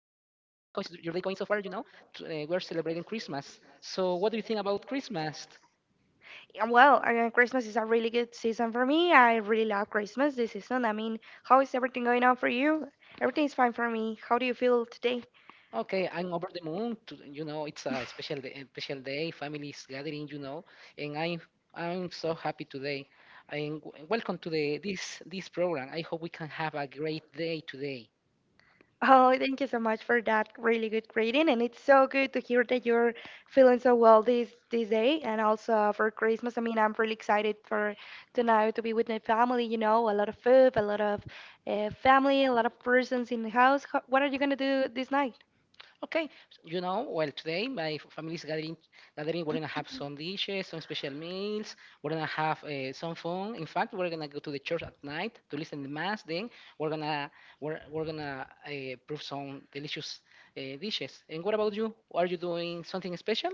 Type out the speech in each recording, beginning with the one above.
How's your day going so far? We're celebrating Christmas. So, what do you think about Christmas? Christmas is a really good season for me. I really love Christmas this season. I mean, how is everything going on for you? Everything's fine for me. How do you feel today? Okay, I'm over the moon. It's a special day, a special day. Families gathering. And I'm so happy today. Welcome to the this this program. I hope we can have a great day today. Oh, thank you so much for that really good greeting, and it's so good to hear that you're feeling so well this day, and also for Christmas. I mean, I'm really excited for tonight to be with my family. You know, a lot of food, a lot of family, a lot of persons in the house. What are you gonna do this night? Okay, well, today family is gathering. Gathering, we're gonna have some dishes, some special meals. We're gonna have some fun. In fact, we're gonna go to the church at night to listen to mass. Then we're gonna we're gonna prove some delicious dishes. And what about you? Are you doing something special?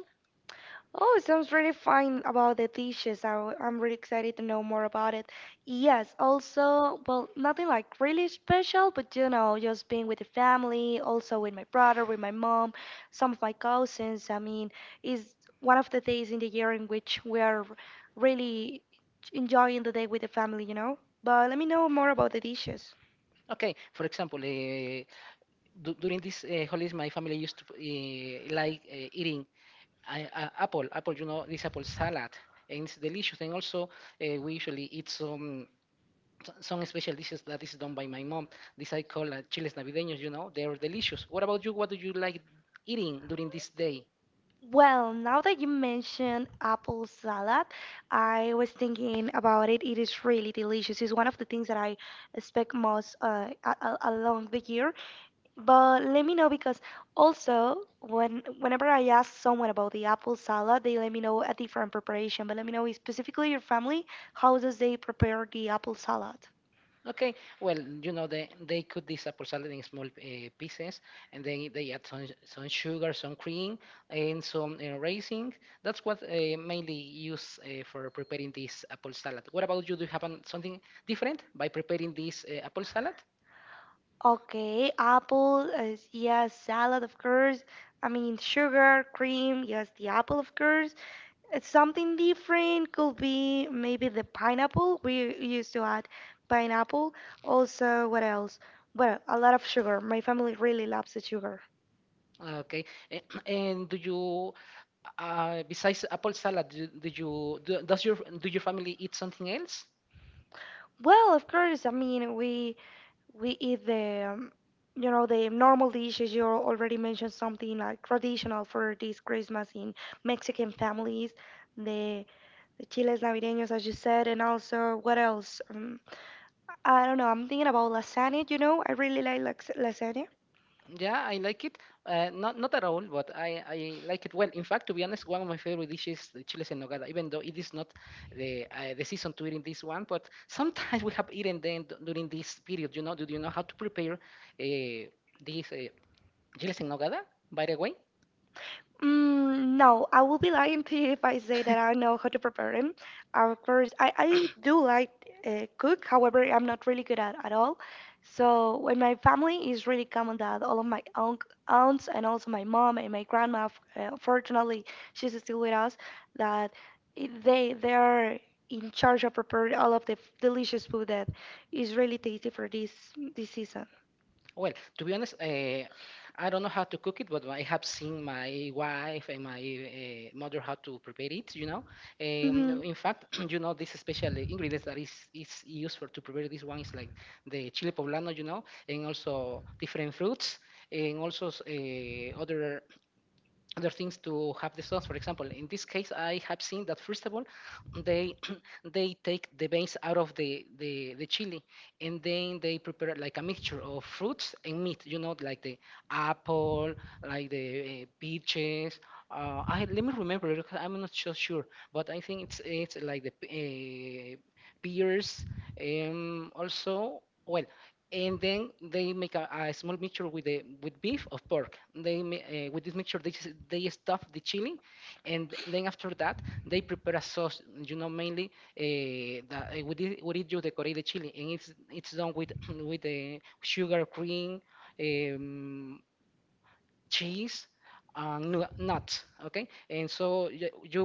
Oh, it sounds really fine about the dishes. I'm really excited to know more about it. Yes, also, well, nothing like really special, but just being with the family, also with my brother, with my mom, some of my cousins. I mean, is one of the days in the year in which we are really enjoying the day with the family, you know? But let me know more about the dishes. Okay, for example, during this holidays, my family used to like eating apple. You know, this apple salad, and it's delicious. And also, we usually eat some. Some special dishes that is done by my mom. This I call chiles navideños. You know, they are delicious. What about you? What do you like eating during this day? Well, now that you mention apple salad, I was thinking about it. It is really delicious. It's one of the things that I expect most along the year. But let me know because also whenever I ask someone about the apple salad, they let me know a different preparation. But let me know specifically your family, how does they prepare the apple salad? Okay, well, you know, they cut this apple salad in small pieces, and then they add some sugar, some cream, and some raisin. That's what mainly use for preparing this apple salad. What about you? Do you have an, something different by preparing this apple salad? Okay, apple, yes, salad, of course. I mean, sugar, cream, yes, the apple, of course. It's something different could be maybe the pineapple. We used to add pineapple. Also, what else? Well, a lot of sugar. My family really loves the sugar. Ah, okay. A- And besides apple salad, do, do you do, does your do your family eat something else? Well, of course. I mean, we eat the you know the normal dishes. You already mentioned something like traditional for this Christmas in Mexican families. The the chiles navideños, as you said, and also what else? I don't know. I'm thinking about lasagna. You know, I really like lasagna. Yeah, I like it. Not not at all, but I like it well. In fact, to be honest, one of my favorite dishes is the chiles en nogada. Even though it is not the season to eat in this one, but sometimes we have eaten them during this period. You know, do you know how to prepare uh, these chiles en nogada? By the way. Mm, no, I will be lying to you if I say that I know how to prepare them. Of course, I do like cook. However, I'm not really good at all. So when my family is really common that all of my unc aunts and also my mom and my grandma, fortunately, she's still with us, that they are in charge of preparing all of the delicious food that is really tasty for this season. Well, to be honest, I don't know how to cook it, but I have seen my wife and my mother how to prepare it. You know, Hmm. in fact, you know this special ingredients that is used for to prepare this one is like the chile poblano, you know, and also different fruits, and also other things to have the sauce. For example, in this case, I have seen that first of all, they they take the veins out of the chili, and then they prepare like a mixture of fruits and meat. You know, like the apple, like the peaches. I Let me remember, because I'm not so sure, but I think it's like the uh, pears. Also, well, and then they make a small mixture with the with beef or pork. With this mixture they stuff the chili, and then after that they prepare a sauce. You know mainly with it you decorate the chili, and it's done with with the sugar cream. Um, Cheese and nuts, okay. And so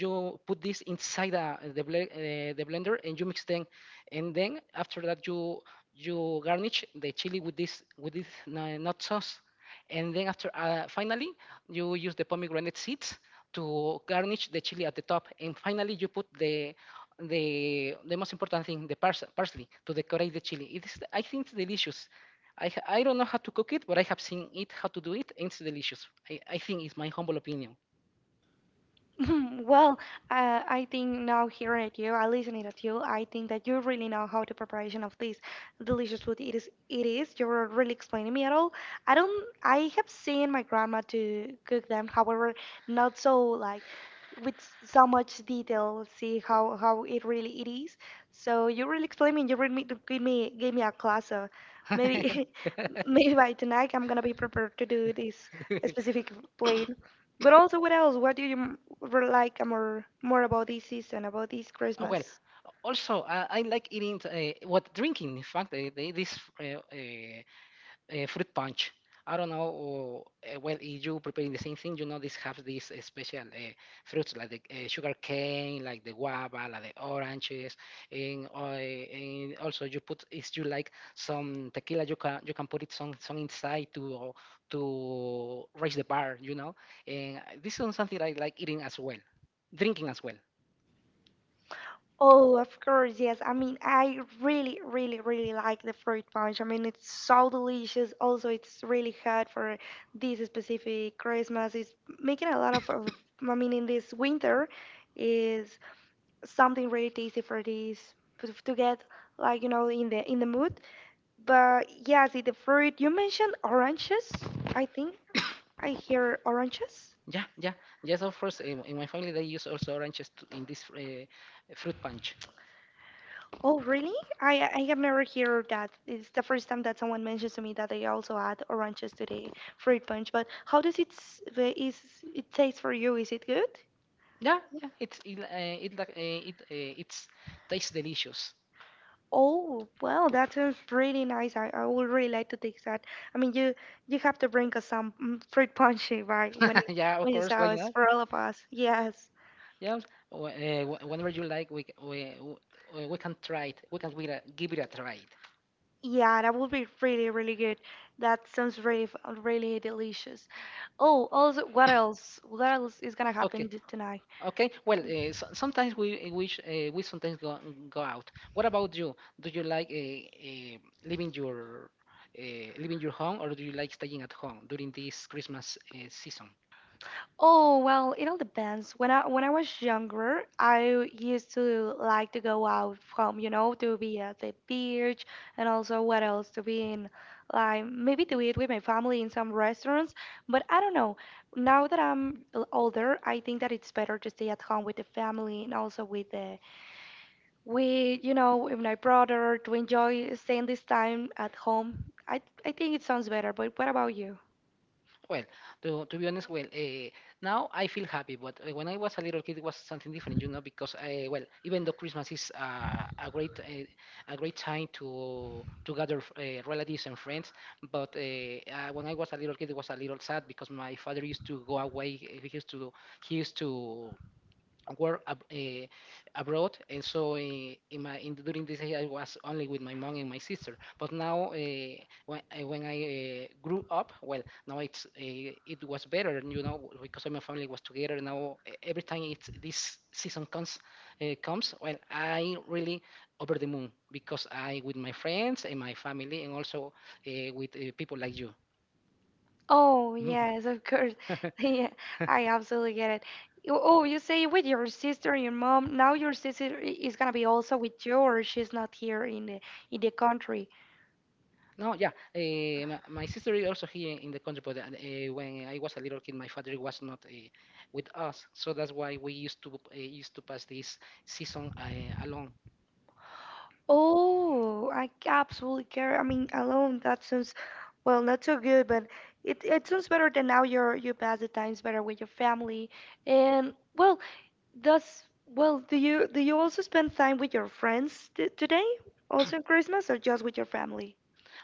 you put this inside the blender and you mix them, and then after that you garnish the chili with this nut sauce, and then after finally you use the pomegranate seeds to garnish the chili at the top, and finally you put the most important thing, the parsley, to decorate the chili. It is, I think it's delicious. I don't know how to cook it, but I have seen it how to do it. And it's delicious. I think it's my humble opinion. Well, I think now hearing at you, I listening at you, I think that you really know how the preparation of this delicious food it is. It is. You're really explaining me at all. I don't. I have seen my grandma to cook them. However, not so like with so much detail. See how it really it is. So you really explain me. You really me- give me give me a class. So maybe maybe by tonight I'm gonna be prepared to do this specific plate. But also, what else? What do you like more about this season, about this Oh, well, Christmas? also I like eating what drinking. In fact, the, this fruit punch. I don't know. Or, well, if you preparing the same thing, you know, this have these special fruits like the sugar cane, like the guava, like the oranges, and also you put, if you like some tequila, you can put it some inside to raise the bar, you know. And this is something I like eating as well, drinking as well. Oh, of course, yes. I mean, I really, really, really like the fruit punch. I mean, it's so delicious. Also, it's really hot for this specific Christmas. It's making a lot of I mean, in this winter, is something really tasty for this to get like you know in the mood. But yeah, see the fruit. You mentioned oranges. I think I hear oranges. Yeah, yeah, yes. Of course, in my family they use also oranges to, in this fruit punch. Oh, really? I have never heard of that. It's the first time that someone mentions to me that they also add oranges to the fruit punch. But how does is it taste for you? Is it good? Yeah, yeah, it's it it like it it's tastes delicious. Oh, well, that sounds really nice. I would really like to taste that. I mean, you have to bring us some fruit punch, right? Yeah, of When you course, why saw us not? for all of us. Yes. Yeah, whenever you like, we can try it. We can give it a try. Yeah, that would be really, really good. That sounds really delicious. Oh, also, what else? What else is gonna happen Okay, tonight? okay. Well, so, sometimes we sometimes go out. What about you? Do you like leaving your uh, leaving your home, or do you like staying at home during this Christmas season? Oh, well, it all depends. When I was younger, I used to like to go out from, you know, to be at the beach and also what else to be in like maybe to eat with my family in some restaurants, but I don't know. Now that I'm older, I think that it's better to stay at home with the family and also with the with, you know, with my brother to enjoy staying this time at home. I think it sounds better, but what about you? Well, to be honest, well, now I feel happy, but when I was a little kid, it was something different, you know, because well, even though Christmas is a great time to gather relatives and friends, but when I was a little kid, it was a little sad because my father used to go away. He used to he used to work abroad, and so during this year I was only with my mom and my sister. But now, when I grew up, well, now it's it was better, you know, because my family was together. Now every time it's this season comes, well, I really over the moon, because I with my friends and my family, and also with people like you. Oh, yes, of course. Yeah, I absolutely get it. Oh, you say with your sister and your mom. Now your sister is gonna be also with you, or she's not here in the country. No, yeah. My sister is also here in the country, but when I was a little kid, my father was not with us, so that's why we used to pass this season alone. Oh, I absolutely care. I mean, alone that sounds well not so good, but it sounds better than now. You pass the times better with your family, and well, does well do you also spend time with your friends t today, also in Christmas, or just with your family?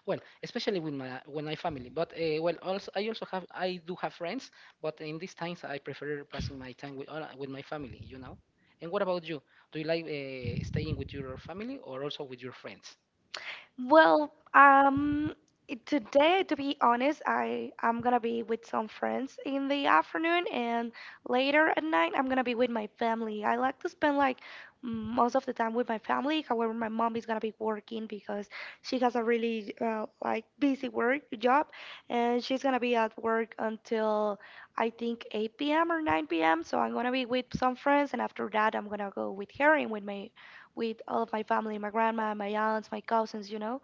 Well, especially with my family, but well, also I do have friends, but in these times I prefer passing my time with with my family, you know. And what about you? Do you like staying with your family or also with your friends? Well, it- today, to be honest, I'm gonna be with some friends in the afternoon, and later at night, I'm gonna be with my family. I like to spend like most of the time with my family. However, my mom is gonna be working because she has a really like busy work job, and she's gonna be at work until I think 8 p.m. or 9 p.m. So I'm gonna be with some friends, and after that, I'm gonna go with her and with my with all of my family, my grandma, my aunts, my cousins, you know.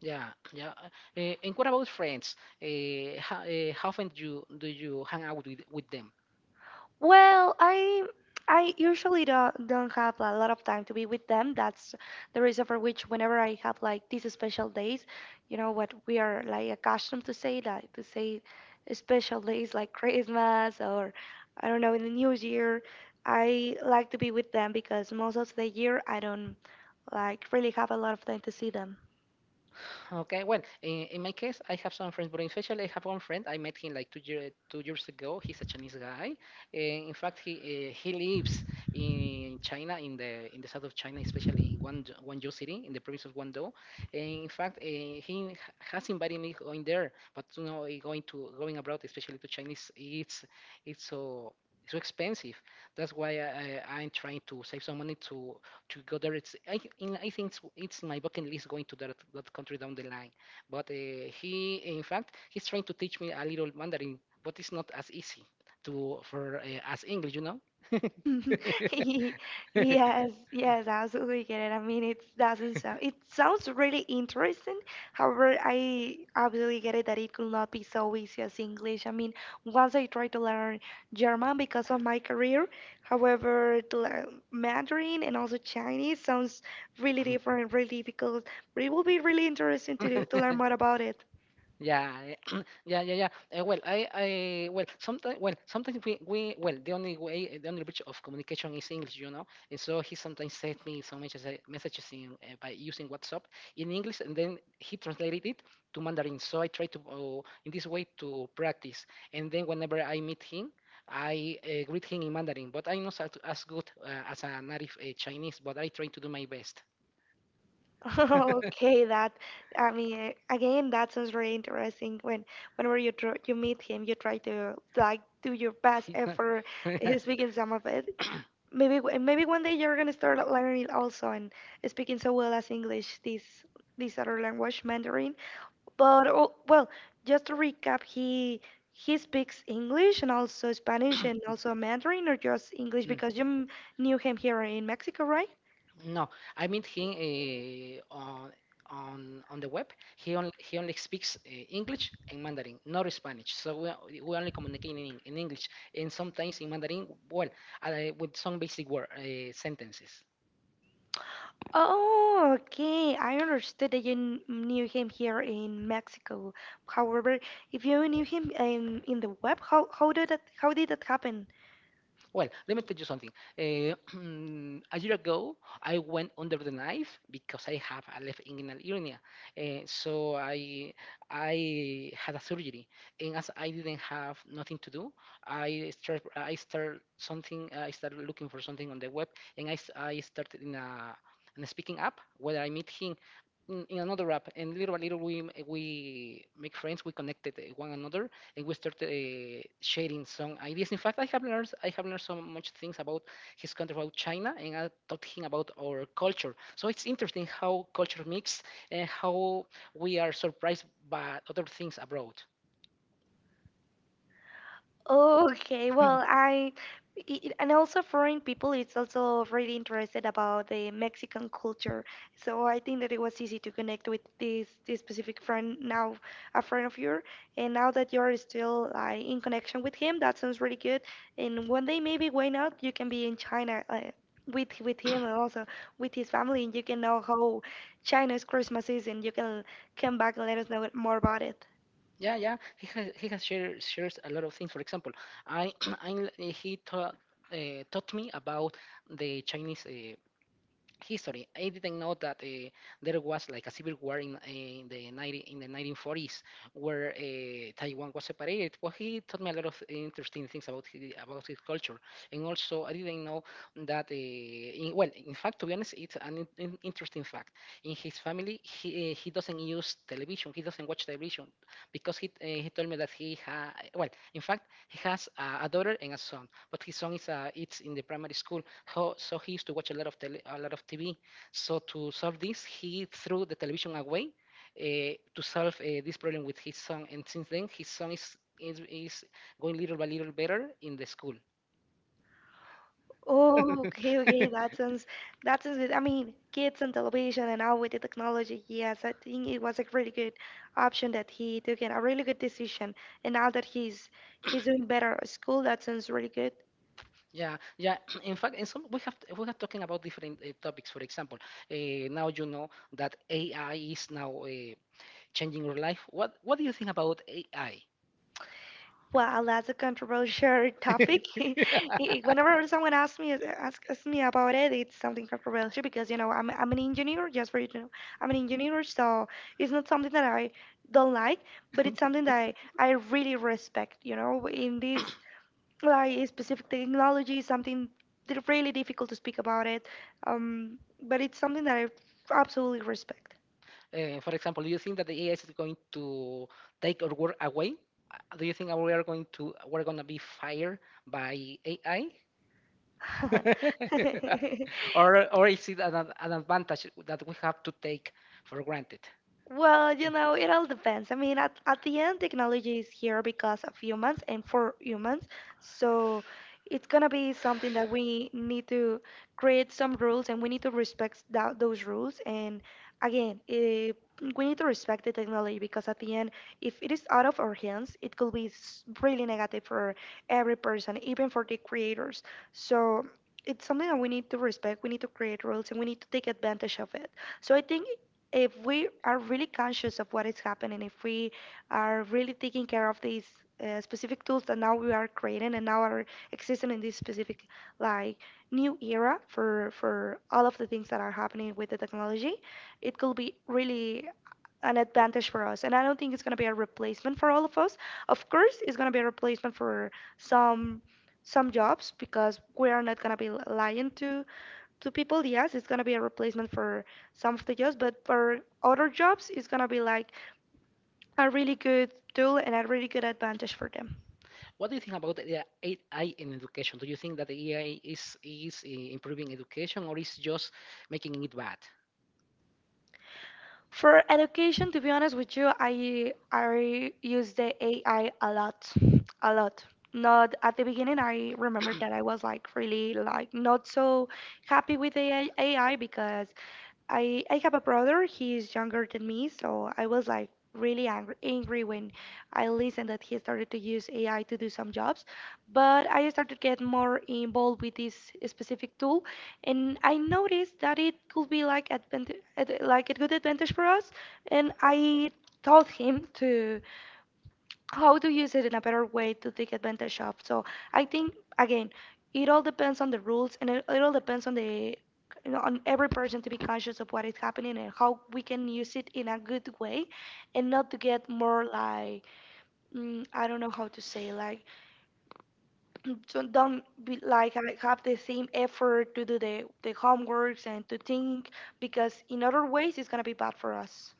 Yeah, yeah. And what about friends? How often do you hang out with them? Well, I usually don't have a lot of time to be with them. That's the reason for which whenever I have like these special days, you know what we are like accustomed to say, special days like Christmas or I don't know in the New Year, I like to be with them because most of the year I don't like really have a lot of time to see them. Okay, well, in my case, I have some friends, but especially I have one friend. I met him like 2 year, 2 years ago. He's a Chinese guy. In fact, he lives in China, in the south of China, especially in Guangzhou, Guangzhou city, in the province of Guangdong. And in fact, has invited me going there, but you know, going abroad, especially to Chinese, it's so so expensive. That's why I'm trying to save some money to go there. It's I, th- in, I think it's my bucket list going to that country down the line. But in fact, he's trying to teach me a little Mandarin, but it's not as easy to for as English, you know. Yes, yes, I absolutely get it. I mean, it doesn't sound, it sounds really interesting. However, I absolutely get it that it could not be so easy as English. I mean, once I tried to learn German because of my career, however, to learn Mandarin and also Chinese sounds really different, really difficult, but it will be really interesting to, to learn more about it. Yeah, yeah, well, sometimes the only way, eh, the only bridge of communication is English, you know. And so he sometimes sent me some messages, by using WhatsApp in English, and then he translated it to Mandarin. So I try to, in this way, to practice. And then whenever I meet him, I greet him in Mandarin. But I'm not as as good as a native Chinese, but I try to do my best. Okay, that I mean again that sounds really interesting. When whenever you meet him, you try to like do your best effort speaking some of it. Maybe maybe one day you're gonna start learning also and speaking so well as English, this other language, Mandarin. But oh, well, just to recap, he speaks English and also Spanish and also Mandarin or just English Mm. because you knew him here in Mexico, right? No, I mean he on the web. He only speaks English and Mandarin, not Spanish. So we, we only communicate in English and sometimes in Mandarin. Well, uh, with some basic word sentences. Oh, okay. I understood that you knew him here in Mexico. However, if you knew him in the web, how did that happen? Well, let me tell you something. Uh, a year ago, I went under the knife because I have a left inguinal hernia. So I had a surgery, and as I didn't have nothing to do, I start something. I started looking for something on the web, and I started in a speaking app where I meet him in another app, and little by little we make friends. We connected one another, and we started sharing some ideas. In fact, I have learned so much things about his country, about China, and I taught him about our culture. So it's interesting how culture mix and how we are surprised by other things abroad. Oh, okay, well, and also foreign people is also really interested about the Mexican culture. So I think that it was easy to connect with this specific friend now, a friend of yours, and now that you're still like in connection with him, that sounds really good. And one day maybe why not? You can be in China with him and also with his family, and you can know how China's Christmas is, and you can come back and let us know more about it. Yeah, yeah, he has shared shares a lot of things. For example, I I he taught. Taught me about the Chinese history. I didn't know that there was like a civil war in the 90, in the 1940s where Taiwan was separated. Well, he taught me a lot of interesting things about about his culture, and also I didn't know that. Well, in fact, to be honest, it's an interesting fact. In his family, he doesn't use television. He doesn't watch television because he told me that he ha well, in fact, he has a daughter and a son, but his son is it's in the primary school, so, so he used to watch a lot of TV. So to solve this, he threw the television away to solve this problem with his son, and since then his son is going little by little better in the school. Oh, okay, okay. That sounds good. I mean, kids and television and now with the technology, yes, I think it was a really good option that he took and a really good decision. And now that he's doing better at school, that sounds really good. Yeah, yeah. In fact, in some, we are talking about different topics. For example, now you know that AI is now changing your life. What do you think about AI? Well, that's a controversial topic. Whenever someone asks me about it, it's something controversial because you know I'm an engineer. Just for you to know, I'm an engineer, so it's not something that I don't like, but it's something that I really respect, you know, in this like a specific technology, something really difficult to speak about it. But it's something that I absolutely respect. For example, do you think that the AI is going to take our work away? Do you think we're going to be fired by AI? Or is it an, an advantage that we have to take for granted? Well, you know, it all depends. I mean, at the end, technology is here because of humans and for humans. So it's gonna be something that we need to create some rules and we need to respect those rules. And again, we need to respect the technology because at the end, if it is out of our hands, it could be really negative for every person, even for the creators. So it's something that we need to respect. We need to create rules and we need to take advantage of it. So I think if we are really conscious of what is happening, if we are really taking care of these specific tools that now we are creating and now are existing in this specific like new era for all of the things that are happening with the technology, it could be really an advantage for us. And I don't think it's going to be a replacement for all of us. Of course, it's going to be a replacement for some some jobs because we are not going to be lying to people. Yes, it's gonna be a replacement for some of the jobs, but for other jobs, it's gonna be like a really good tool and a really good advantage for them. What do you think about the AI in education? Do you think that the AI is improving education or is just making it bad? For education, to be honest with you, I use the AI a lot, a lot. Not at the beginning, I remember that I was like really like not so happy with the AI because I have a brother. He's younger than me, so I was like really angry when I listened that he started to use AI to do some jobs. But I started to get more involved with this specific tool, and I noticed that it could be like like a good advantage for us. And I told him to how to use it in a better way to take advantage of. So I think again, it all depends on the rules and it all depends on the you know, on every person to be conscious of what is happening and how we can use it in a good way and not to get more like I don't know how to say like so don't be like have the same effort to do the homeworks and to think because in other ways it's gonna be bad for us.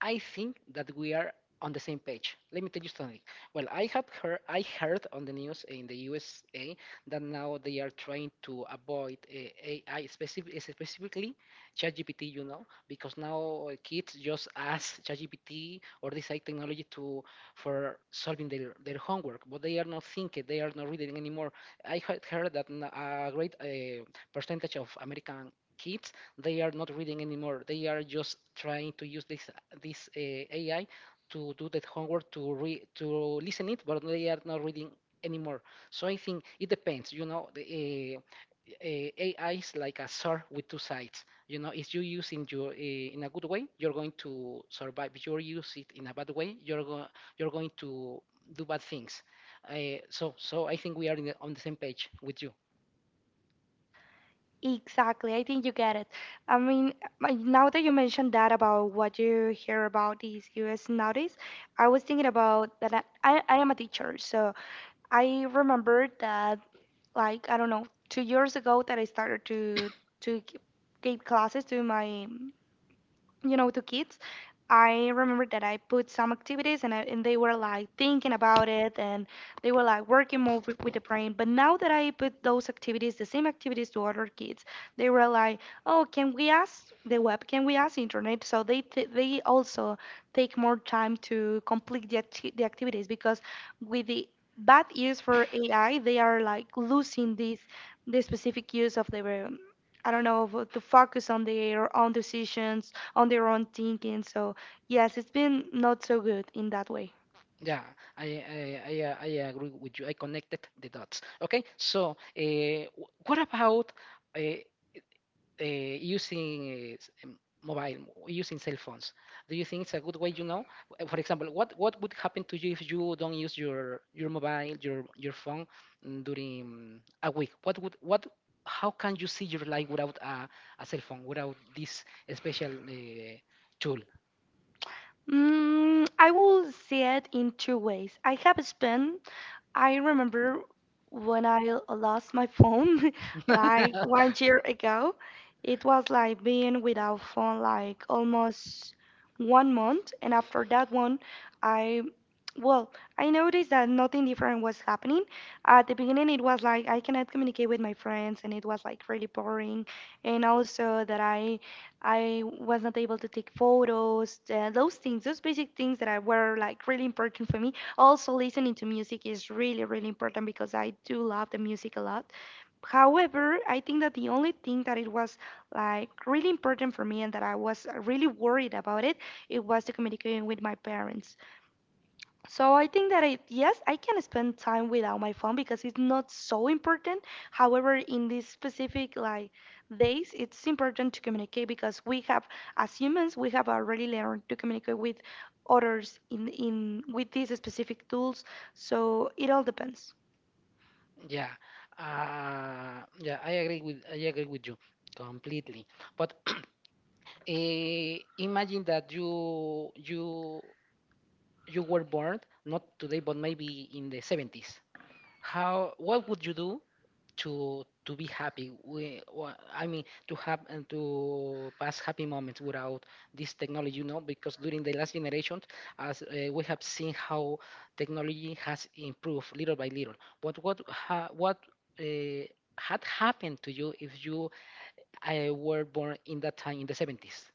I think that we are on the same page. Let me tell you something. Well, I heard on the news in the USA that now they are trying to avoid AI specifically ChatGPT, you know, because now kids just ask ChatGPT or this AI technology to for solving their homework, but they are not thinking, they are not reading anymore. I had heard that a great percentage of American kids, they are not reading anymore. They are just trying to use this AI to do the homework to listen it, but they are not reading anymore. So I think it depends. You know, AI is like a sword with two sides. You know, if you use in your in a good way, you're going to survive. If you use it in a bad way, you're going to do bad things. So I think we are in on the same page with you. Exactly. I think you get it. I mean, now that you mentioned that about what you hear about these US nowadays, I was thinking about that I am a teacher. So I remember that, like, I don't know, 2 years ago that I started to to g- give classes to my you know to kids. I remember that I put some and they were like thinking about it and they were like working more with the brain. But now that I put those activities, the same activities to other kids, they were like, oh, can we ask the web, can we ask internet? So they also take more time to complete the activities because with the bad use for AI they are like losing this the specific use of the I don't know, to focus on their own decisions, on their own thinking. So yes, it's been not so good in that way. Yeah, I agree with you. I connected the dots. Okay, so what about uh, uh, using uh, s- um, mobile, using cell phones? Do you think it's a good way, you know? For example, what would happen to you if you don't use your mobile, your phone during a week? How can you see your life without a, a cell phone, without this special tool? I will see it in two ways. I have spent I remember when I lost my phone like 1 year ago. It was like being without phone like almost 1 month, and after that one, I well, I noticed that nothing different was happening. At the beginning, it was like I cannot communicate with my friends, and it was like really boring, and also that I was not able to take photos, those things, those basic things that I were like really important for me. Also, listening to music is really, really important because I do love the music a lot. However, I think that the only thing that it was like really important for me and that I was really worried about it, it was the communicating with my parents. So I think that I, yes, I can spend time without my phone because it's not so important. However, in these specific like days, it's important to communicate because we have as humans, we have already learned to communicate with others in with these specific tools. So it all depends. Yeah, yeah, I agree with you completely. But imagine that you were born not today, but maybe in the 70s. How What would you do to be happy I mean to have and to pass happy moments without this technology, you know, because during the last generation, as we have seen how technology has improved little by little, but what ha, what uh, had happened to you if you were born in that time, in the 70s,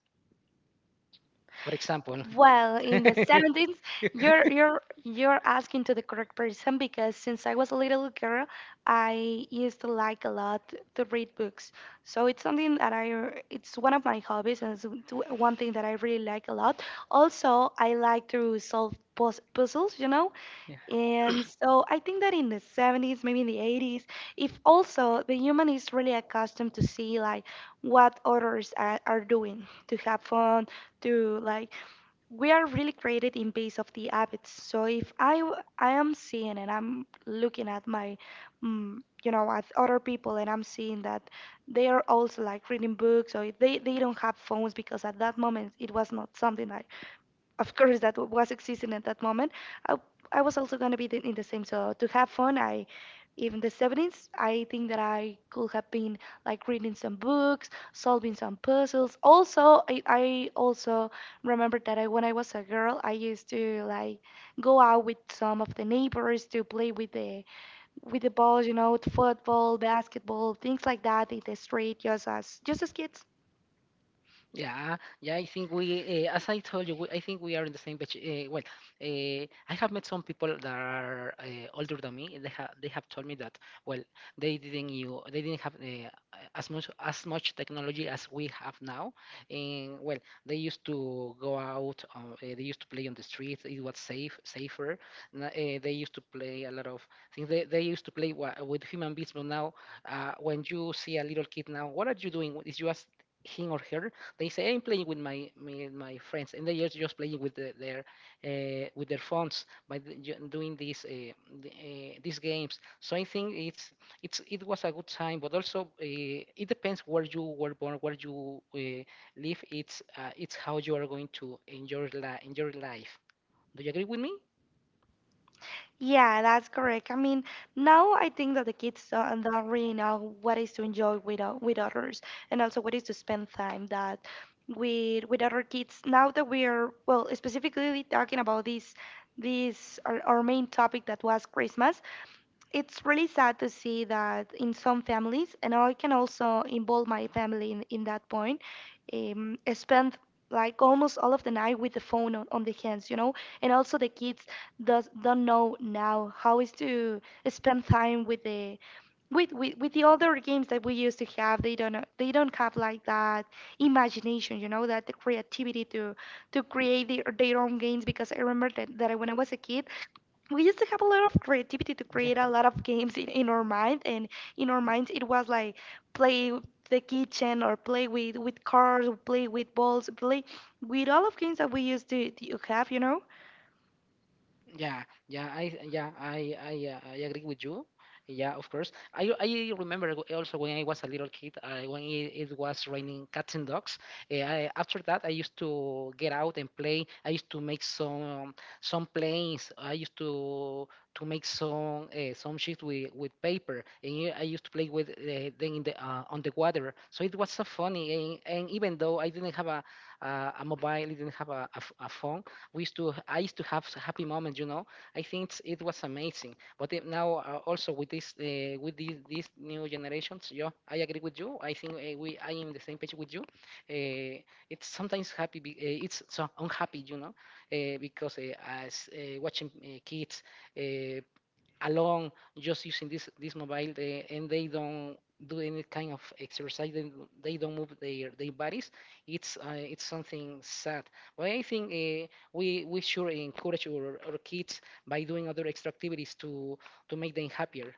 for example? Well, in the 70s, you're you're asking to the correct person because since I was a little girl, I used to like a lot to read books. So it's something that I it's one of my hobbies and it's one thing that I really like a lot. Also, I like to solve puzzles, you know. And so I think that in the 70s, maybe in the 80s, if also the human is really accustomed to see like what others are doing to have fun, to like we are really created in base of the habits. So if I I am seeing and I'm looking at my mm, you know at other people and I'm seeing that they are also like reading books or they don't have phones because at that moment it was not something that of course that was existing at that moment, i, I was also going to be in the same so to have fun. I even the 70s I think that I could have been like reading some books, solving some puzzles. Also I also remember that when I was a girl I used to like go out with some of the neighbors to play with the balls, you know, with football, basketball, things like that in the street, just as kids. Yeah, yeah, I think as I told you, I think we are in the same batch. Well, uh, I have met some people that are older than me. They have told me that, well, they didn't have as much technology as we have now. And well, they used to go out. They used to play on the streets. It was safer. They used to play a lot of things. They used to play with human beings, but now, when you see a little kid now, what are you doing? Is you ask him or her, they say I'm playing with my friends, and they are just playing with the, their with their phones by doing these these games. So I think it was a good time, but also it depends where you were born, where you live. It's how you are going to enjoy enjoy life. Do you agree with me? Yeah, that's correct. I mean, now I think that the kids don't really know what is to enjoy with with others, and also what is to spend time that with other kids. Now that we are well, specifically talking about this our main topic that was Christmas, it's really sad to see that in some families, and I can also involve my family in that point, spend like almost all of the night with the phone on the hands, you know, and also the kids don't know now how is to spend time with the with the other games that we used to have. They don't know, they don't have like that imagination, you know, that the creativity to create their own games. Because I remember that when I was a kid, we used to have a lot of creativity to Yeah. create a lot of games in our mind and in our minds. It was like play with the kitchen or play with cars or play with balls, play with all of games that we used to have, you know. Yeah, yeah, I agree with you. Yeah, of course. I remember also when I was a little kid, when it was raining cats and dogs. I, after that, I used to get out and play. I used to make some planes. I used to make some sheets with paper, and yeah, I used to play with them in the on the water. So it was so funny. And even though I didn't have a mobile, I didn't have a, a phone, we used to I used to have happy moments, you know. I think it was amazing, but it, now also with this with these new generations, yeah, I agree with you. I think we I am the same page with you. It's sometimes happy be, It's so unhappy, you know, because as watching kids uh, alone, just using this mobile, and they don't do any kind of exercise. They don't move their bodies. It's something sad, but I think we should encourage our kids by doing other extra activities to make them happier.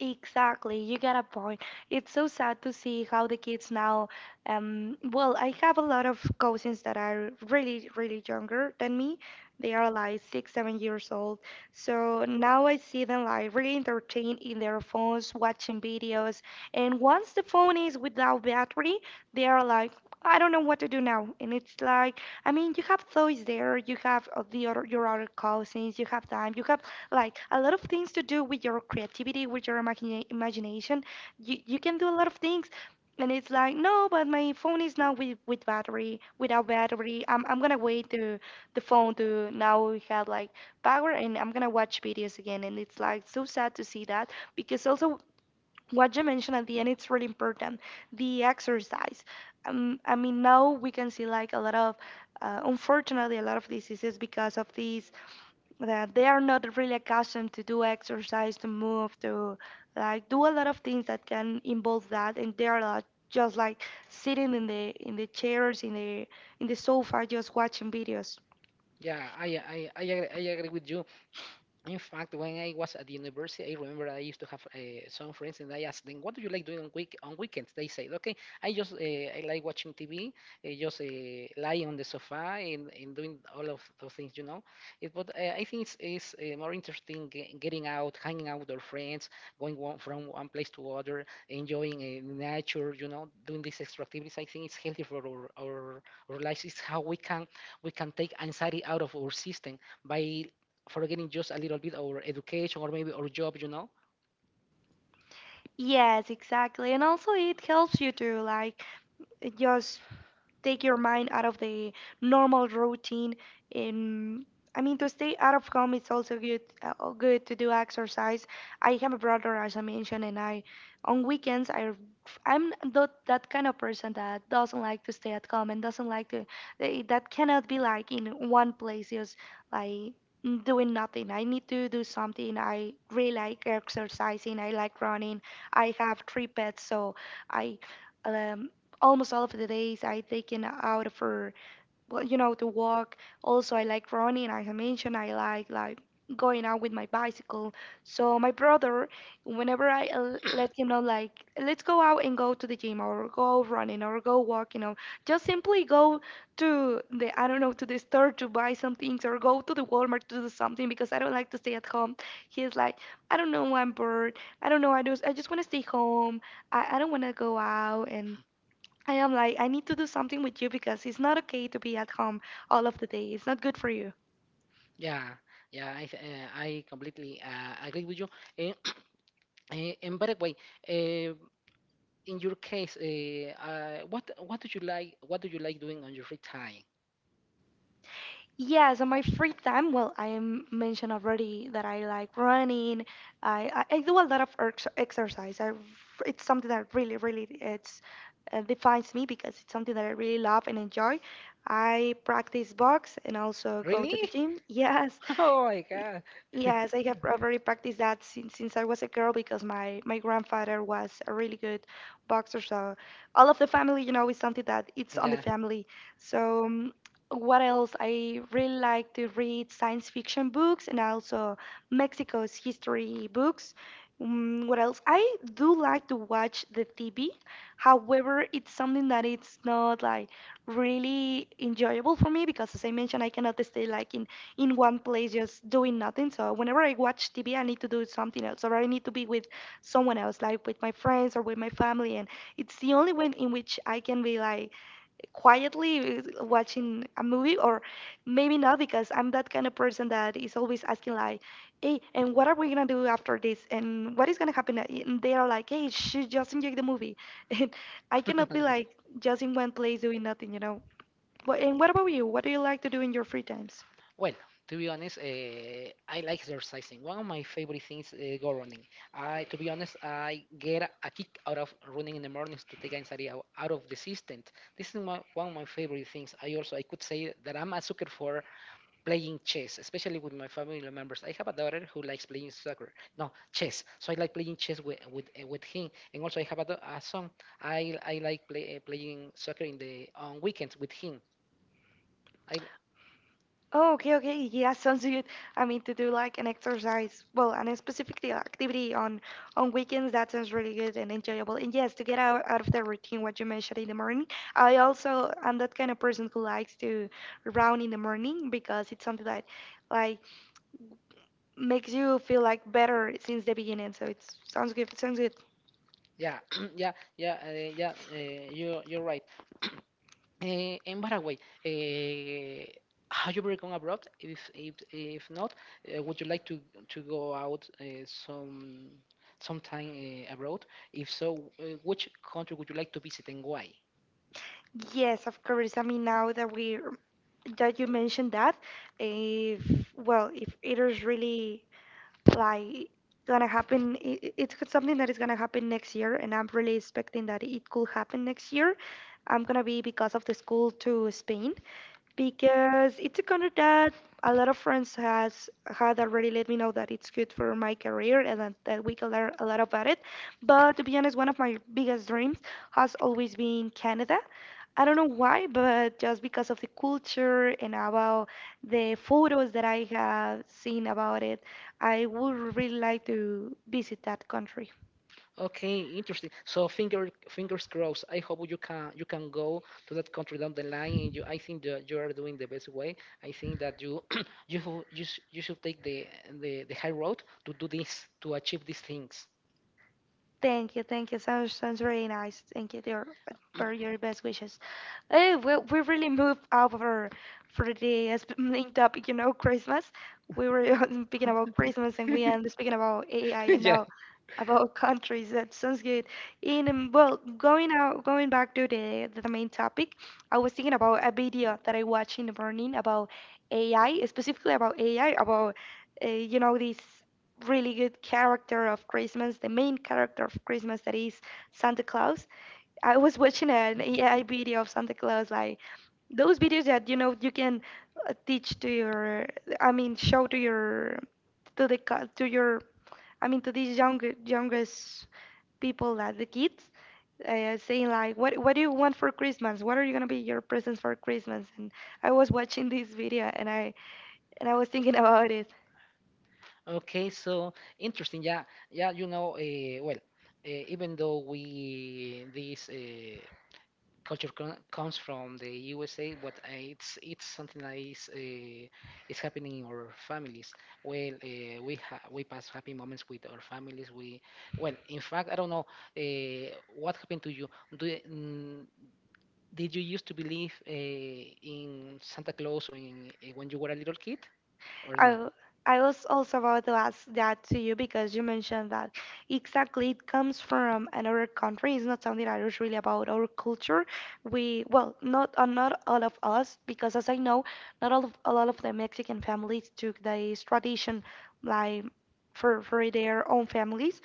Exactly, you got a point. It's so sad to see how the kids now. Well, I have a lot of cousins that are really, really younger than me. They are like six, 7 years old. So now I see them like really entertained in their phones, watching videos. And once the phone is without battery, they are like, I don't know what to do now. And it's like, I mean, you have toys there, you have your other cousins, you have time, you have like a lot of things to do with your creativity, with your imagination. You can do a lot of things, and it's like no, but my phone is now without battery. I'm gonna wait the phone to now have like power, and I'm gonna watch videos again. And it's like so sad to see that because also what you mentioned at the end, it's really important. The exercise. I mean now we can see like a lot of unfortunately a lot of diseases because of these that they are not really accustomed to do exercise, to move, to like do a lot of things that can involve that, and they are like, just like sitting in the chairs, in the sofa, just watching videos. Yeah, I agree with you. In fact, when I was at the university, I remember I used to have some friends, and I asked them, "What do you like doing on weekends?" They said, "Okay, I like watching TV, just lie on the sofa and doing all of those things, you know." It, but I think it's more interesting getting out, hanging out with our friends, going from one place to other, enjoying nature, you know, doing these extra activities. I think it's healthy for our lives. It's how we can take anxiety out of our system by forgetting just a little bit our education or maybe our job, you know. Yes, exactly. And also it helps you to like just take your mind out of the normal routine and I mean to stay out of home it's also good, good to do exercise. I have a brother as I mentioned and I on weekends I I'm not that kind of person that doesn't like to stay at home and doesn't like to that cannot be like in one place just like doing nothing. I need to do something. I really like exercising. I like running. I have 3 pets so I um, almost all of the days I taken out for well, you know, to walk. Also, I like running. As I mentioned, I like going out with my bicycle. So my brother, whenever I let him know like, let's go out and go to the gym or go running or go walking or just simply go to the, I don't know, to the store to buy some things or go to the Walmart to do something because I don't like to stay at home. He's like, I don't know, I'm bored. I don't know, I just want to stay home. I don't want to go out. And I am like, I need to do something with you because it's not okay to be at home all of the day. It's not good for you. Yeah, yeah, I completely agree with you. Eh, and by the way, uh, in your case, what do you like doing on your free time? Yes, on my free time, well, I am mentioned already that I like running. I do a lot of exercise. It's something that really it's defines me because it's something that I really love and enjoy. I practice box and also go Really? to the gym. Yes, Oh my Y- god. yes, I have already practiced that since I was a girl because my grandfather was a really good boxer. So all of the family, you know, is something that it's on the Yeah. family. So um, what else? I really like to read science fiction books and also Mexico's history books. Mm, what else? I do like to watch the TV. However, it's something that it's not like really enjoyable for me because, as I mentioned, I cannot stay like in one place just doing nothing. So whenever I watch TV, I need to do something else, or I need to be with someone else, like with my friends or with my family. And it's the only way in which I can be like quietly watching a movie, or maybe not because I'm that kind of person that is always asking like, "Hey, and what are we gonna do after this? And what is gonna happen?" And they are like, "Hey, sh just enjoy the movie." And I cannot be like just in one place doing nothing, you know. But and what about you? What do you like to do in your free times? Well, to be honest, I like exercising. One of my favorite things, go running. I, to be honest, I get a kick out of running in the mornings to take anxiety out of the system. This is my, one of my favorite things. I could say that I'm a sucker for playing chess, especially with my family members. I have a daughter who likes playing soccer, no chess. So I like playing chess with him, and also I have a, a son. I like playing soccer in the on weekends with him. I, Oh, okay, okay. Yeah, sounds good. I mean, to do like an exercise, well, and a specific the activity on weekends, that sounds really good and enjoyable. And yes, to get out, out of the routine, what you mentioned in the morning. I also am that kind of person who likes to run in the morning because it's something that like makes you feel like better since the beginning. So it sounds good. It sounds good. Yeah, yeah, yeah, uh, yeah. You're right. Uh, in Paraguay, have you ever gone abroad? If not, would you like to go out sometime abroad? If so, which country would you like to visit and why? Yes, of course. I mean, now that we that you mentioned that, if, well, if it is really like gonna happen, it's something that is gonna happen next year, and I'm really expecting that it could happen next year. I'm gonna be, because of the school, to Spain, because it's a country that a lot of friends has had already let me know that it's good for my career and that we can learn a lot about it. But to be honest, one of my biggest dreams has always been Canada. I don't know why, but just because of the culture and about the photos that I have seen about it, I would really like to visit that country. Okay, interesting. So fingers crossed. I hope you can go to that country down the line, and you. I think that you are doing the best way. I think that you you should take the high road to do this to achieve these things. Thank you, thank you. Sounds really nice. Thank you, dear, for your best wishes. Hey, we really moved over for the main topic, you know, Christmas. We were speaking about Christmas and we ended speaking about AI and Yeah. now about countries. That sounds good. And Well, going out, going back to the main topic, I was thinking about a video that I watched in the morning about AI, specifically about AI, about you know, this really good character of Christmas, the main character of Christmas, that is Santa Claus. I was watching an AI video of Santa Claus, like those videos that you know you can teach to your, I mean, show to your, to the co- to your, I mean, to these younger youngest people, like the kids, saying like, what do you want for Christmas? What are you gonna be your presents for Christmas? And I was watching this video and I was thinking about it. Okay, so interesting. Yeah, yeah. You know, even though we this. Culture comes from the USA, but it's something that is happening in our families. Well, we pass happy moments with our families. We Well, in fact, I don't know what happened to you. Do you- mm, did you used to believe in Santa Claus or when you were a little kid or I not? I was also about to ask that to you because you mentioned that exactly it comes from another country. It's not something that is really about our culture. We, well, not not all of us, because as I know, not all of, a lot of the Mexican families took this tradition like for their own families.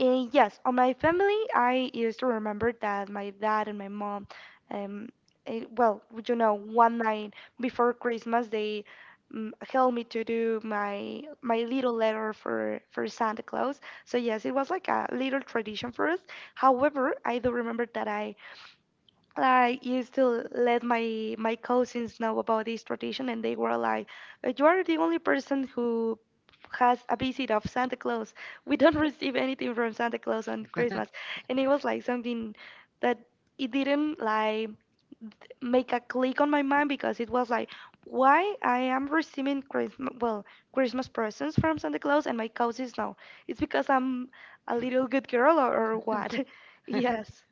Yes, on my family, I used to remember that my dad and my mom, um, well, would, you know, one night before Christmas, they helped me to do my little letter for Santa Claus. So yes, it was like a little tradition for us. However, I do remember that I used to let my cousins know about this tradition, and they were like, "You are the only person who has a visit of Santa Claus. We don't receive anything from Santa Claus on Christmas." And it was like something that it didn't like make a click on my mind because it was like, "Why I am receiving Christmas, well, Christmas presents from Santa Claus and my cousins now? It's because I'm a little good girl, or what?" Yes.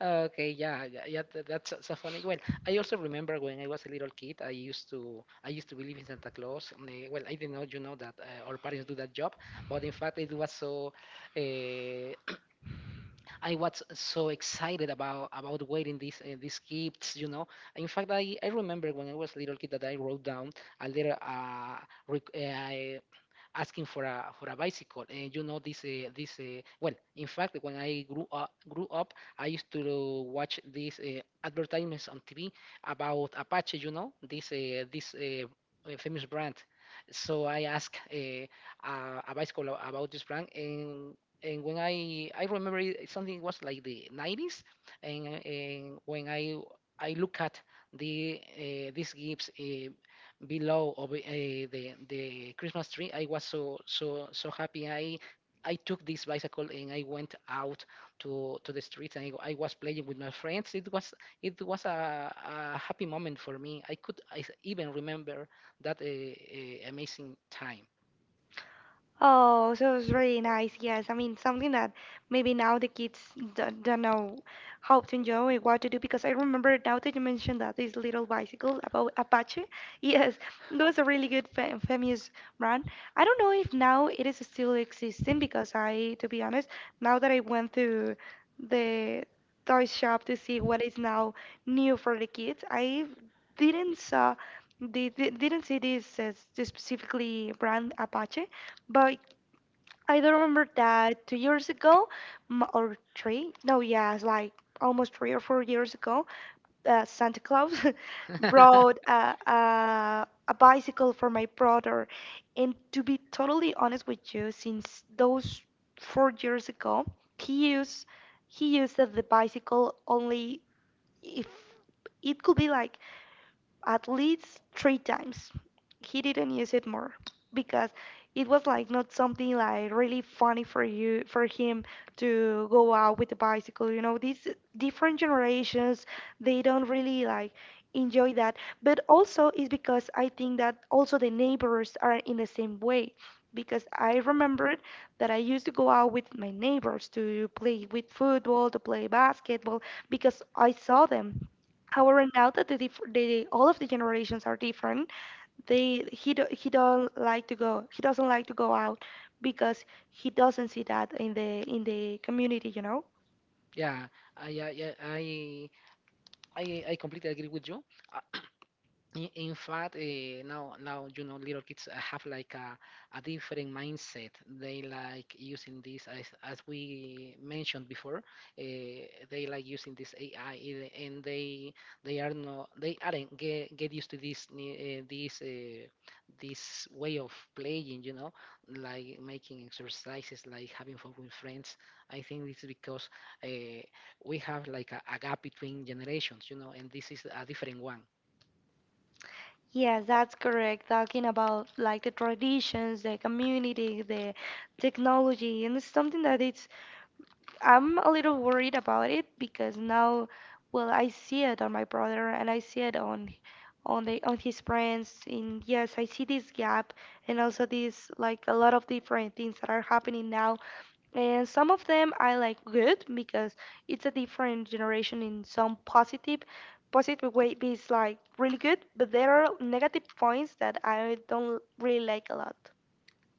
Okay, yeah, yeah, yeah, so funny. Well, I also remember when I was a little kid, I used to believe in Santa Claus. And well, I didn't know that our parents do that job, but in fact, it was so uh, I was so excited about waiting these gifts. In fact, I remember when I was little kid that I wrote down a little req- I- asking for a bicycle, and you know this this well. In fact, when I grew up, I used to watch these advertisements on TV about Apache, you know this famous brand. So I asked a bicycle about this brand, and when I remember it, something was like the 90s, and when I look at these gifts below of the Christmas tree, I was so so so happy. I took this bicycle and I went out to the streets and I was playing with my friends. It was a happy moment for me. I even remember that amazing time. Oh, so it's really nice. Yes, I mean something that maybe now the kids don't know how to enjoy, what to do. Because I remember now that you mentioned that, this little bicycle about Apache. Yes, it was a really good fa famous brand. I don't know if now it is still existing because I, to be honest, now that I went to the toy shop to see what is now new for the kids, I didn't saw. They didn't see this specifically brand Apache, but I do remember that 2 years ago, m- or three, no, yeah, it's like almost 3 or 4 years ago, Santa Claus brought a bicycle for my brother. And to be totally honest with you, since those 4 years ago, he used he used the bicycle only, if it could be like, at least three times. He didn't use it more because it was like not something like really funny for you for him to go out with a bicycle. You know, these different generations, they don't really like enjoy that. But also it's because I think that also the neighbors are in the same way. Because I remembered that I used to go out with my neighbors to play with football, to play basketball, because I saw them. However, now that the, diff- the all of the generations are different, he don't like to go. He doesn't like to go out because he doesn't see that in the community, you know. Yeah, I, I, I, I, I completely agree with you. In fact now you know little kids have like a different mindset. They like using this as we mentioned before. They like using this AI, and they are not they aren't get used to this way of playing. You know, like making exercises, like having fun with friends. I think it's because uh, we have like a gap between generations. You know, and this is a different one. Yes, that's correct. Talking about like the traditions, the community, the technology, and it's something that it's, I'm a little worried about it because now, well, I see it on my brother and I see it on the on his friends. And yes, I see this gap and also this, like, a lot of different things that are happening now. And some of them I like good because it's a different generation. In some positive way is like really good, but there are negative points that I don't really like a lot.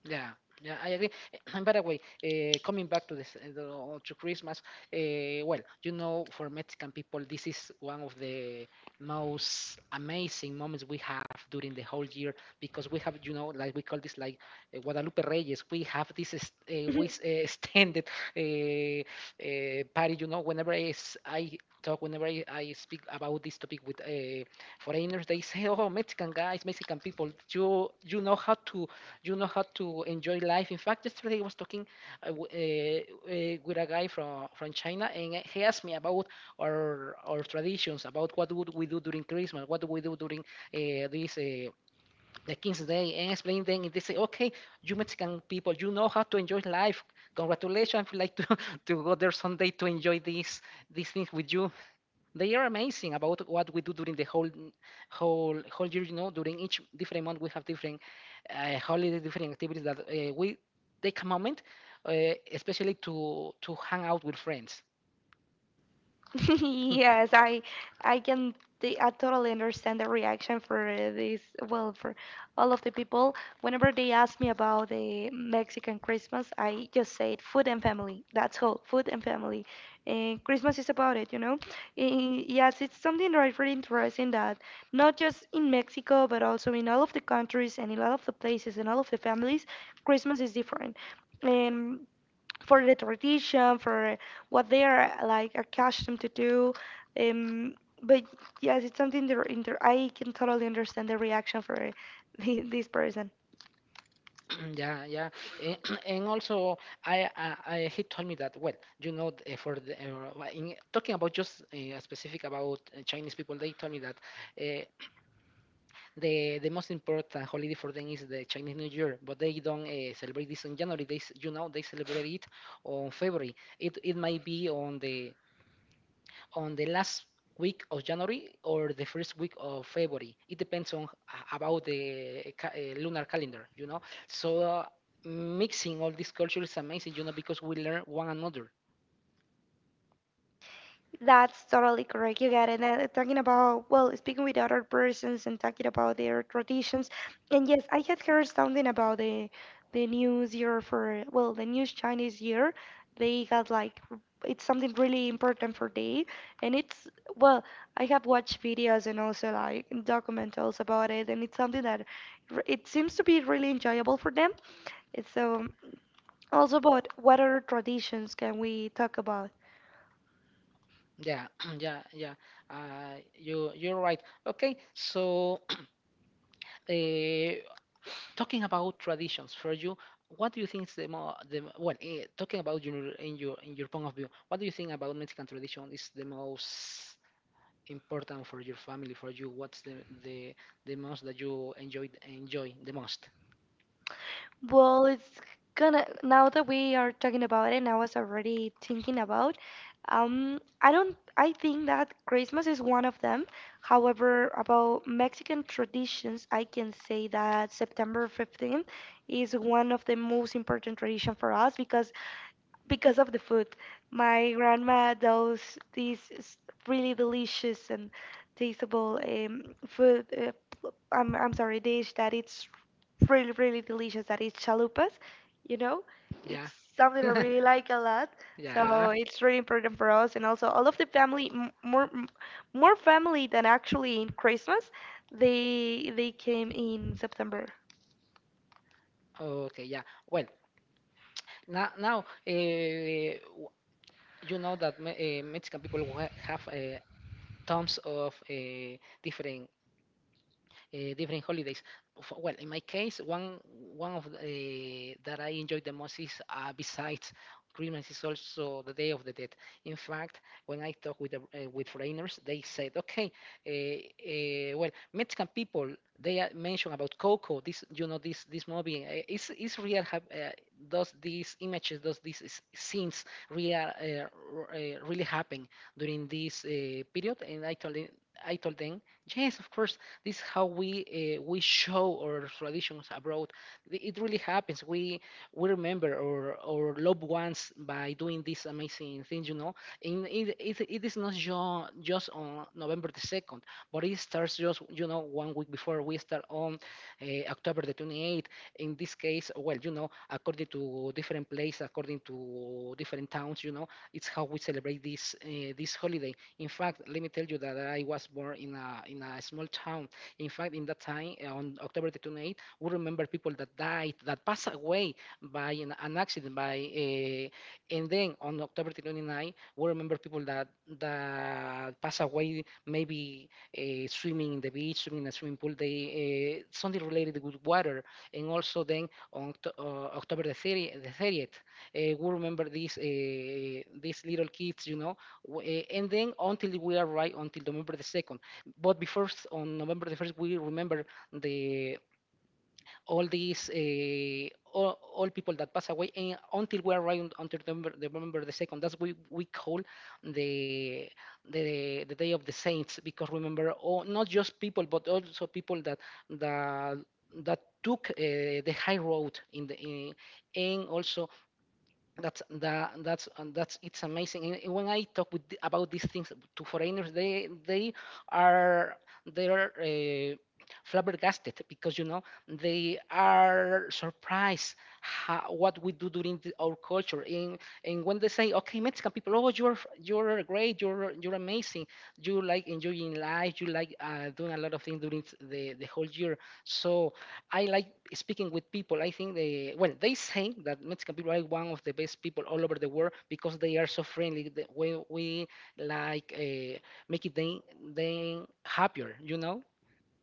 Yeah, yeah, I agree. And by the way, coming back to Christmas, well, you know, for Mexican people, this is one of the most amazing moments we have during the whole year because we have like we call this like Guadalupe Reyes. We have this extended party. You know, whenever I speak about this topic with foreigners, they say, "Oh, Mexican guys, Mexican people, you know how to, you know how to enjoy life." In fact, yesterday I was talking with a guy from China, and he asked me about our traditions, about what would we do during Christmas, what do we do during this the King's Day, and explain them. And they say, "Okay, you Mexican people, you know how to enjoy life. Congratulations! I would like to to go there someday to enjoy these things with you." They are amazing about what we do during the whole whole whole year, you know, during each different month we have different holiday, different activities that we take a moment uh, especially to hang out with friends. Yes, I can I totally understand the reaction for this, well, for all of the people. Whenever they ask me about the Mexican Christmas, I just say it, food and family. That's all, food and family. And Christmas is about it, you know? Eh, yes, it's something very, very interesting that not just in Mexico, but also in all of the countries and in all of the places and all of the families, Christmas is different. And for the tradition, for what they are like accustomed to do. Um, but yes, it's something that I can totally understand the reaction for this person. Yeah, yeah, and, and also, I he told me that, well, you know, talking about just specific about Chinese people, they told me that uh, the most important holiday for them is the Chinese New Year, but they don't celebrate this in January. You know, they celebrate it on February. It might be on the last week of January or the first week of February. It depends about the lunar calendar, you know. So mixing all this culture is amazing, you know, because we learn one another. That's totally correct. You got it. And talking about, well, speaking with other persons and talking about their traditions. And yes, I had heard something about the news year for, well, the new Chinese year. They had like, it's something really important for they. And it's, well, I have watched videos and also like documentals about it. And it's something that it seems to be really enjoyable for them. It's, also, about what other traditions can we talk about? Yeah, yeah, yeah. You're right. Okay, so. Uh, Talking about traditions for you, what do you think is the more the well, talking about your in your in your point of view, what do you think about Mexican tradition is the most important for your family, for you? What's the, the most that you enjoy the most? Well, it's gonna, now that we are talking about it, and I was already thinking about, I don't, I think that Christmas is one of them. However, about Mexican traditions, I can say that September 15th is one of the most important tradition for us because of the food. My grandma does these s- really delicious and tasteable food. Dish that it's really really delicious. That is chalupas, you know. Yeah, It's something I really like a lot. yeah, So it's really important for us, and also all of the family, more family than actually in Christmas. They came in September. okay, yeah, well, now you know that me, Mexican people have tons of different holidays. For, well, in my case, one that I enjoy the most is, besides Christmas, is also the Day of the Dead. In fact, when I talk with foreigners, they said, okay, well, Mexican people, they mention about Coco. This you know this this movie is real. Does these scenes really happen during this period? And I told them, yes, of course this is how we show our traditions abroad. It really happens. We remember our loved ones by doing these amazing things, you know. And it is not just on November the second, but it starts just one week before we start on October the 28th. In this case, well, you know, according to different places, according to different towns, you know, it's how we celebrate this holiday. In fact, let me tell you that I was born in a small town. In fact, in that time, on October the 28th, we remember people that died, that passed away by an accident. By And then on October the 29th, we remember people that passed away, maybe swimming in the beach, swimming in a swimming pool. They Something related with water. And also then on October the 30th, we remember these little kids, you know. And then until we arrive until November the 2nd. But before, on November the first, we remember the all people that pass away and until we arrive until November the second. That's we call the the day of the saints, because remember, all, not just people but also people that that took the high road in and also that's it's amazing. And when I talk with about these things to foreigners, are they are flabbergasted because, you know, they are surprised what we do during our culture, and when they say, "Okay, Mexican people, oh, you're great, you're amazing. You like enjoying life, you like doing a lot of things during the whole year," so I like speaking with people. I think they well, they say that Mexican people are one of the best people all over the world because they are so friendly. The way we like make it them happier, you know.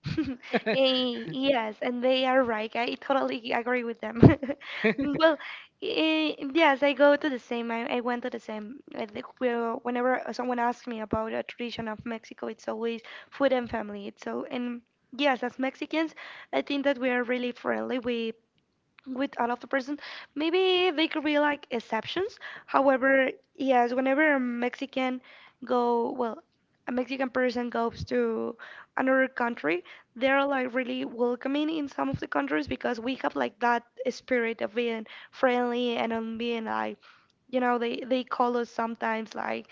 Yes, and they are right. I totally agree with them. Well, yes, I go to the same. I went to the same. I think we are whenever someone asks me about a tradition of Mexico, it's always food and family. It's so, and yes, as Mexicans, I think that we are really friendly. We with another person. Maybe they could be like exceptions. However, yes, whenever a Mexican go, well, a Mexican person goes to another country, they're like really welcoming in some of the countries because we have like that spirit of being friendly and on being like, you know, they call us sometimes like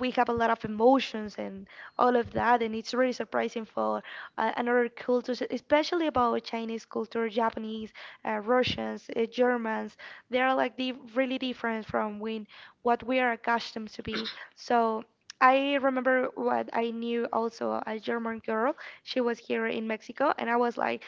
we have a lot of emotions and all of that, and it's really surprising for another cultures, especially about Chinese culture, Japanese, Russians, Germans. They are like the really different from when what we are accustomed to be. So I remember what I knew also a German girl. She was here in Mexico, and I was like,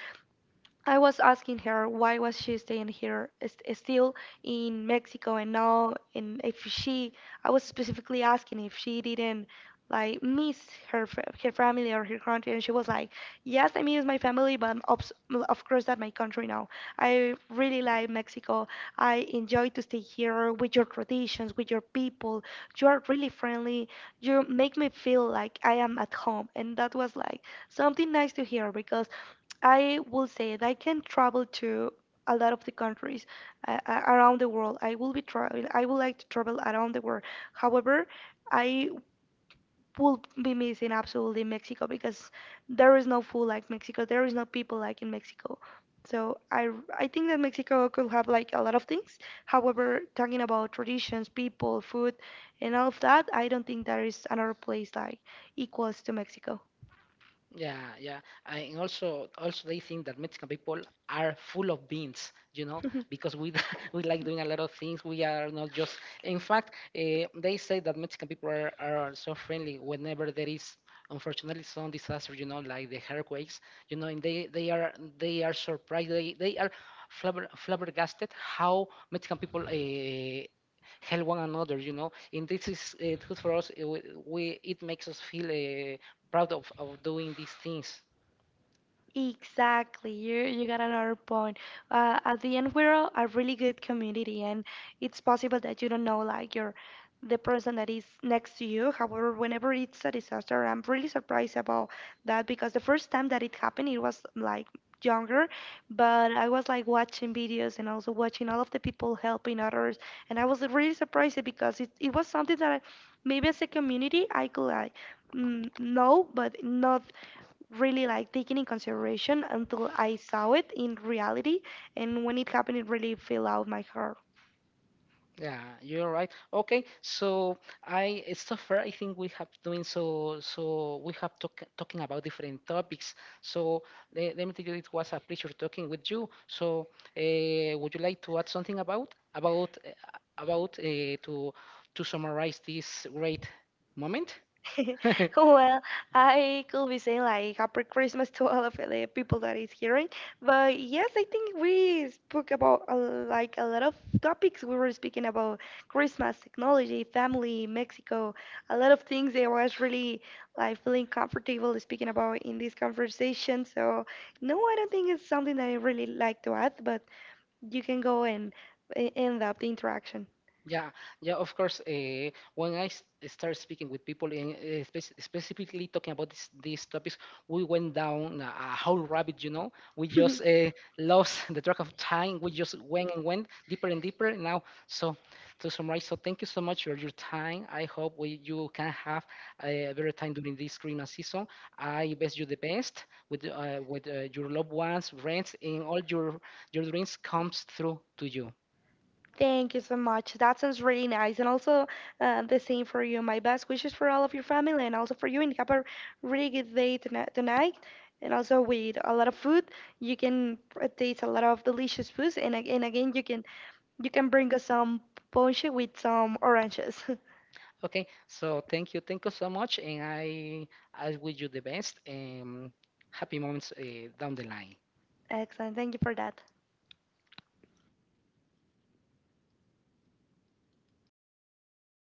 I was asking her why was she staying here, is still in Mexico, and now, and if she, I was specifically asking if she didn't like miss her family or her country, and she was like, "Yes, I miss my family, but of course that my country now. I really like Mexico. I enjoy to stay here with your traditions, with your people. You are really friendly. You make me feel like I am at home," and that was like something nice to hear because I will say that I can travel to a lot of the countries, around the world. I will be traveling. I would like to travel around the world. However, I will be missing absolutely Mexico because there is no food like Mexico. There is no people like in Mexico. So I think that Mexico could have like a lot of things. However, talking about traditions, people, food, and all of that, I don't think there is another place like equals to Mexico. Yeah, yeah. And also, they think that Mexican people are full of beans, you know, because we we like doing a lot of things. We are not just. In fact, they say that Mexican people are so friendly whenever there is, unfortunately, some disaster, you know, like the earthquakes, you know, and they are surprised. They are flabbergasted how Mexican people help one another, you know, and this is good for us we It makes us feel proud of doing these things. Exactly, you got another point. At the end, we're a really good community, and it's possible that you don't know like your the person that is next to you. However, whenever it's a disaster, I'm really surprised about that because the first time that it happened, it was like younger, but I was like watching videos and also watching all of the people helping others, and I was really surprised because it was something that I, maybe as a community I could like mm, know, but not really like taken in consideration until I saw it in reality. And when it happened, it really fell out my heart. Yeah, you're right. Okay, so I so far I think we have doing so we have talking about different topics. So, let me tell you it was a pleasure talking with you. So, would you like to add something about to summarize this great moment? Well, I could be saying like Happy Christmas to all of the people that is hearing. But yes, I think we spoke about like a lot of topics. We were speaking about Christmas, technology, family, Mexico, a lot of things. I was really like feeling comfortable speaking about in this conversation. So no, I don't think it's something that I really like to add, but you can go and end up the interaction. Yeah, yeah, of course. When I start speaking with people, and specifically talking about these topics, we went down a whole rabbit. You know, we just lost the track of time. We just went and went deeper and deeper. Now, so, to summarize, so thank you so much for your time. I hope you can have a better time during this Christmas season. I wish you the best with your loved ones, friends, and all your dreams comes through to you. Thank you so much. That sounds really nice. And also, the same for you. My best wishes for all of your family and also for you. And have a really good day tonight. And also, with a lot of food, you can taste a lot of delicious foods. And, and again, you can bring us some ponche with some oranges. Okay, so thank you so much, and I wish you the best and happy moments down the line. Excellent. Thank you for that.